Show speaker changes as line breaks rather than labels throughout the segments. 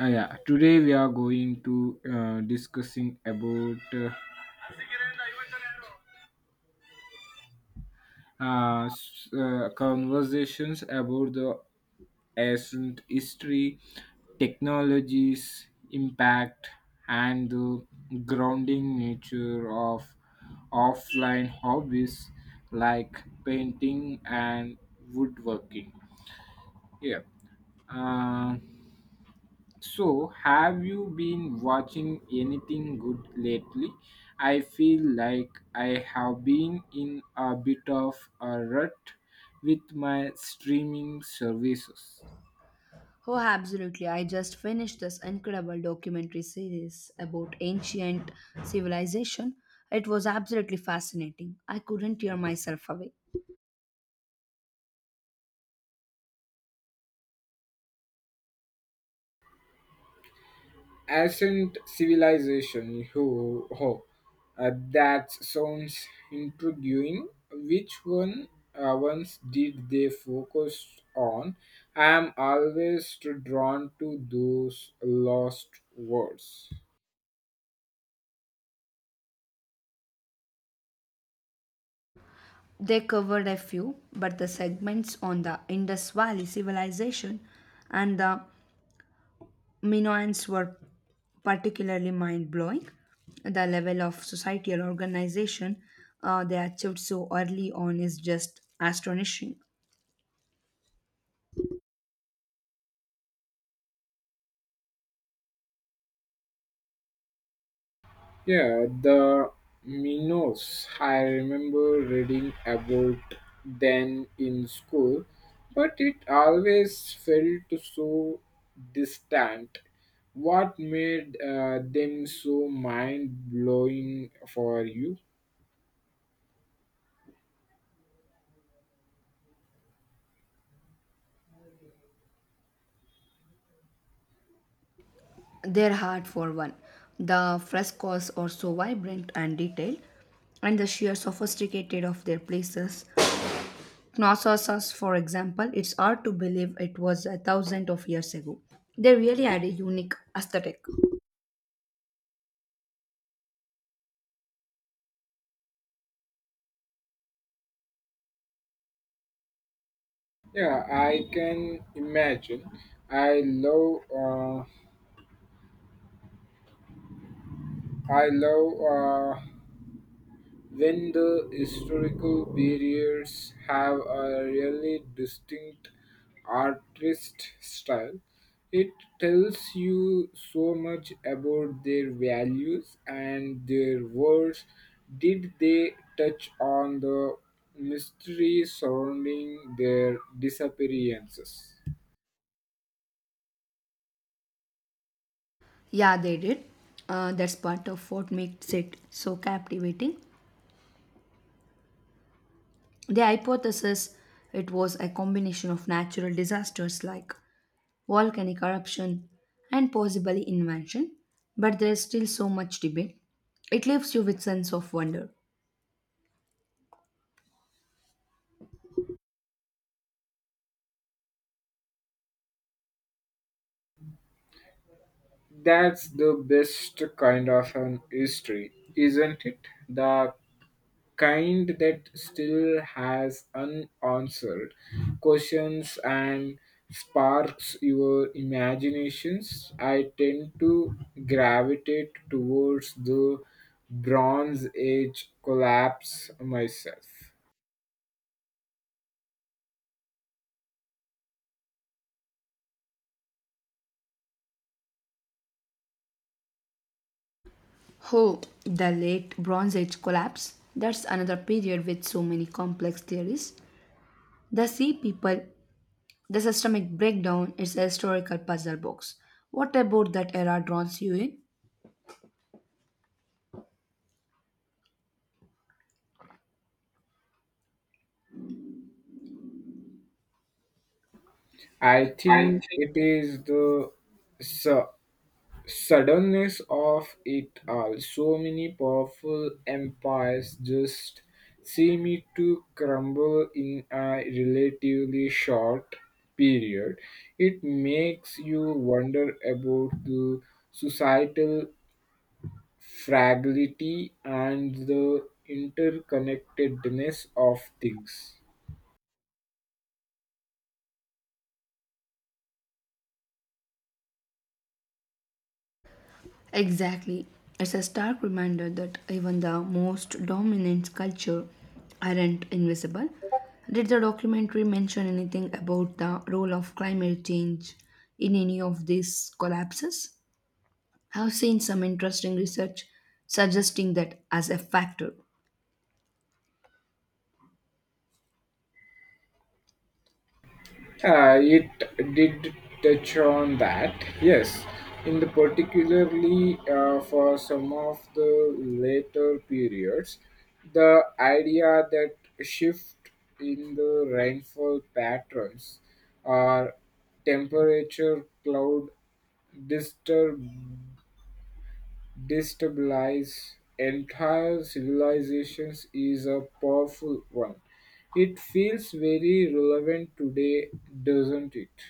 Yeah, today we are going to discussing about conversations about the ancient history, technologies, impact, and the grounding nature of offline hobbies like painting and woodworking. Yeah. Uh, So, have you been watching anything good lately? I feel like I have been in a bit of a rut with my streaming services.
Oh, absolutely. I just finished this incredible documentary series about ancient civilization. It was absolutely fascinating. I couldn't tear myself away.
Ancient Civilization. Oh, oh. That sounds intriguing. Which ones did they focus on? I am always drawn to those lost words.
They covered a few, but the segments on the Indus Valley civilization and the Minoans were particularly mind blowing. The level of societal organization they achieved so early on is just astonishing.
Yeah, the Minos. I remember reading about them in school, but it always felt so distant. What made them so mind blowing for you?
Their heart for one. The frescoes are so vibrant and detailed, and the sheer sophisticated of their places. Knossos, for example, it's hard to believe it was a thousand of years ago. They really had a unique aesthetic.
Yeah, I can imagine. I love, uh, I love when the historical barriers have a really distinct artist style, it tells you so much about their values and their words. Did they touch on the mystery surrounding their disappearances?
Yeah, they did. That's part of what makes it so captivating. The hypothesis it was a combination of natural disasters like volcanic eruption, and possibly invention, but there is still so much debate. It leaves you with sense of wonder.
That's the best kind of an history, isn't it? The kind that still has unanswered questions and sparks your imaginations. I tend to gravitate towards the Bronze Age collapse myself.
Oh, the late Bronze Age collapse. That's another period with so many complex theories. The sea people, the systemic breakdown is a historical puzzle box. What about that era draws you
I
in?
think it is the su- suddenness of it all. So many powerful empires just seem to crumble in a relatively short period. It makes you wonder about the societal fragility and the interconnectedness of things.
Exactly. It's a stark reminder that even the most dominant culture aren't invisible. Did the documentary mention anything about the role of climate change in any of these collapses? I've seen some interesting research suggesting that as a factor.
It did touch on that, yes. In the particularly for some of the later periods, the idea that shift in the rainfall patterns or temperature cloud disturb destabilize entire civilizations is a powerful one. It feels very relevant today, doesn't it?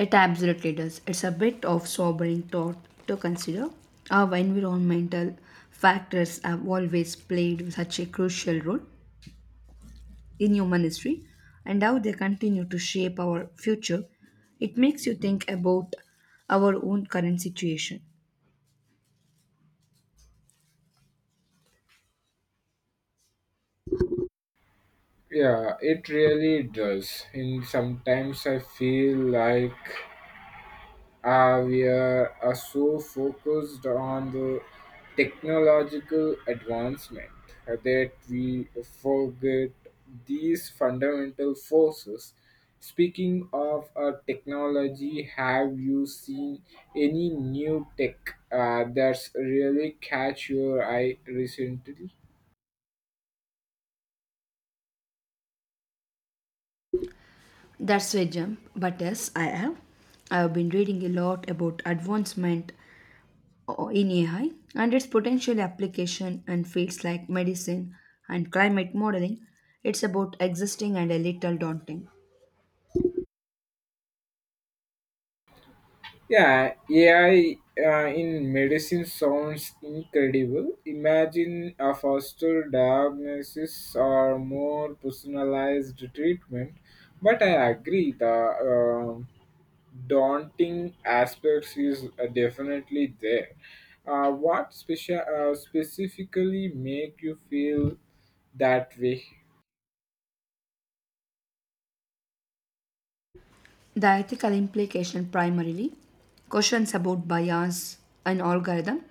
It absolutely does. It's a bit of sobering thought to consider how environmental factors have always played such a crucial role in human history and how they continue to shape our future, it makes you think about our own current situation.
Yeah, it really does. And sometimes I feel like we are so focused on the technological advancement that we forget these fundamental forces. Speaking of technology, have you seen any new tech that's really catch your eye recently?
That's a jump, but yes, I have. I have been reading a lot about advancement in AI and its potential application in fields like medicine and climate modeling. It's about existing and a little daunting.
Yeah, AI in medicine sounds incredible. Imagine a faster diagnosis or more personalized treatment. But I agree, the daunting aspects is definitely there. What special specifically make you feel that way?
The ethical implication primarily questions about bias and algorithm,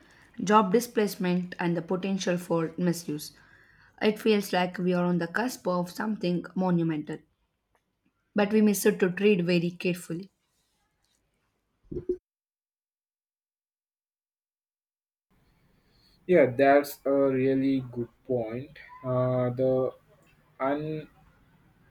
job displacement, and the potential for misuse. It feels like we are on the cusp of something monumental, but we miss it to treat very carefully.
Yeah, that's a really good point. The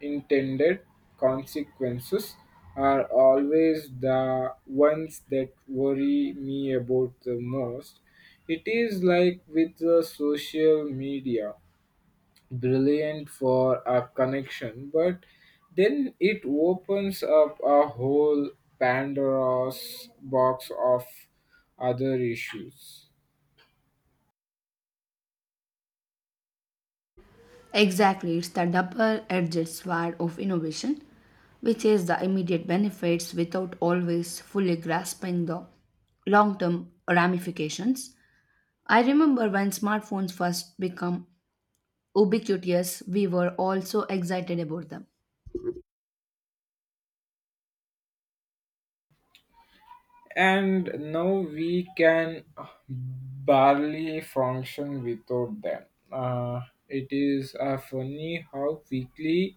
intended consequences are always the ones that worry me about the most. It is like with the social media, brilliant for a connection, but then it opens up a whole Pandora's box of other issues.
Exactly, it's the double edged sword of innovation, which is the immediate benefits without always fully grasping the long term ramifications. I remember when smartphones first become ubiquitous, we were all so excited about them.
And now we can barely function without them. Uh, it is funny how quickly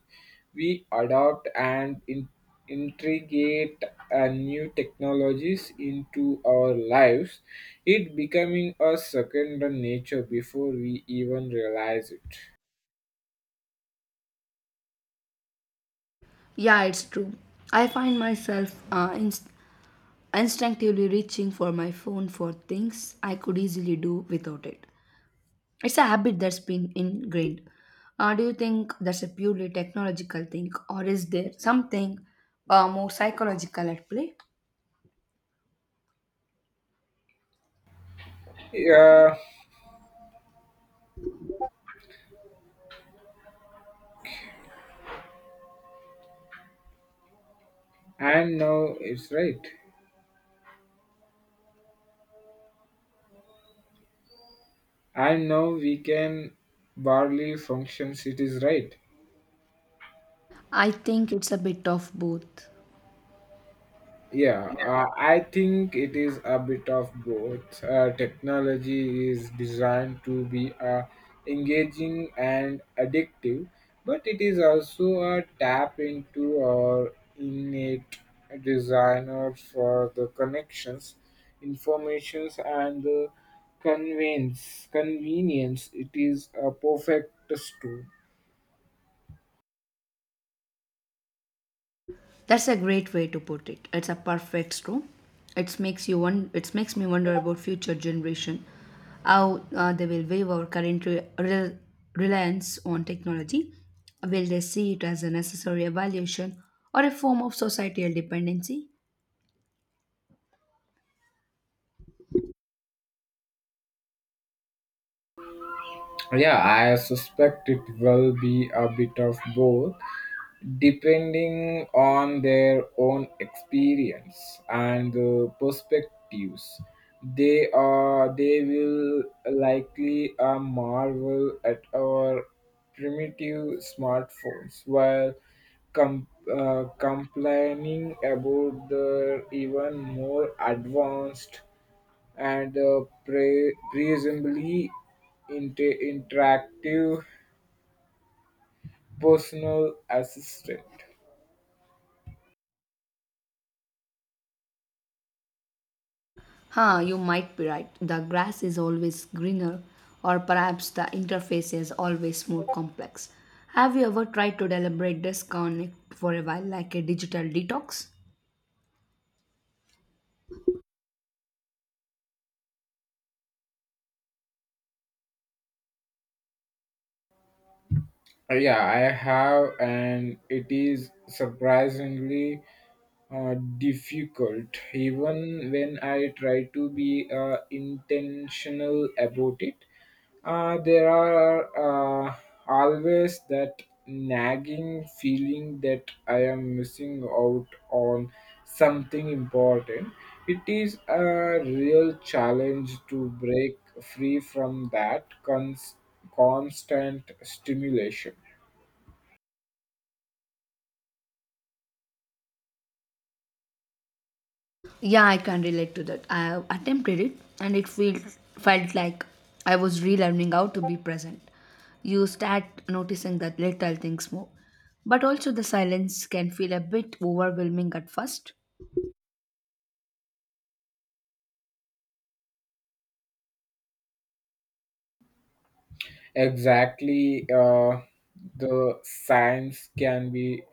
we adopt and integrate new technologies into our lives, it becoming a second nature before we even realize it.
Yeah, it's true. I find myself instinctively reaching for my phone for things I could easily do without it. It's a habit that's been ingrained. Do you think that's a purely technological thing, or is there something more psychological at play?
Yeah, and now it's right. And now we can barely function. It is right.
I think it's a bit of both.
Yeah, I think it is a bit of both. Technology is designed to be engaging and addictive, but it is also a tap into our innate desire for the connections, informations, and the convenience. Convenience. It is a perfect tool.
That's a great way to put it. It's a perfect storm. It makes me wonder about future generation, how they will view our current reliance on technology. Will they see it as a necessary evaluation or a form of societal dependency?
Yeah, I suspect it will be a bit of both depending on their own experience and perspectives they will likely marvel at our primitive smartphones while complaining about the even more advanced and presumably interactive personal assistant.
Huh, you might be right. The grass is always greener, or perhaps the interface is always more complex. Have you ever tried to deliberate disconnect for a while, like a digital detox?
Yeah, I have, and it is surprisingly difficult, even when I try to be intentional about it. There are uh, always that nagging feeling that I am missing out on something important. It is a real challenge to break free from that constant stimulation.
Yeah, I can relate to that. I have attempted it and it felt like I was relearning how to be present. You start noticing that little things more. But also the silence can feel a bit overwhelming at first.
Exactly. The science can be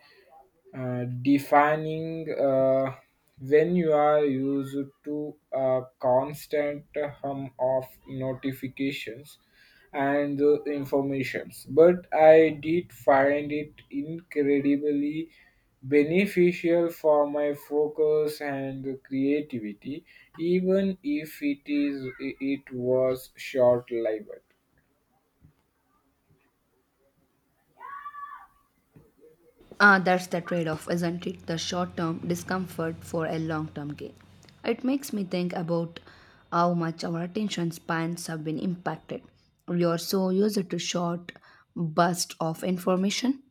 defining when you are used to a constant hum of notifications and informations. But I did find it incredibly beneficial for my focus and creativity, even if it was short-lived.
Ah, that's the trade-off, isn't it? The short-term discomfort for a long-term gain. It makes me think about how much our attention spans have been impacted. We are so used to short bursts of information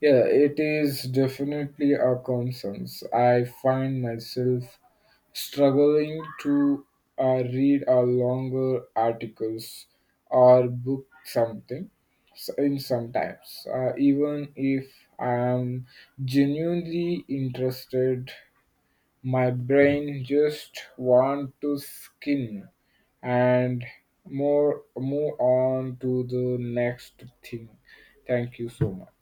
Yeah, it is definitely a concern. I find myself struggling to read a longer articles or book something in sometimes even if I am genuinely interested, my brain just want to skin and more move on to the next thing. Thank you so much.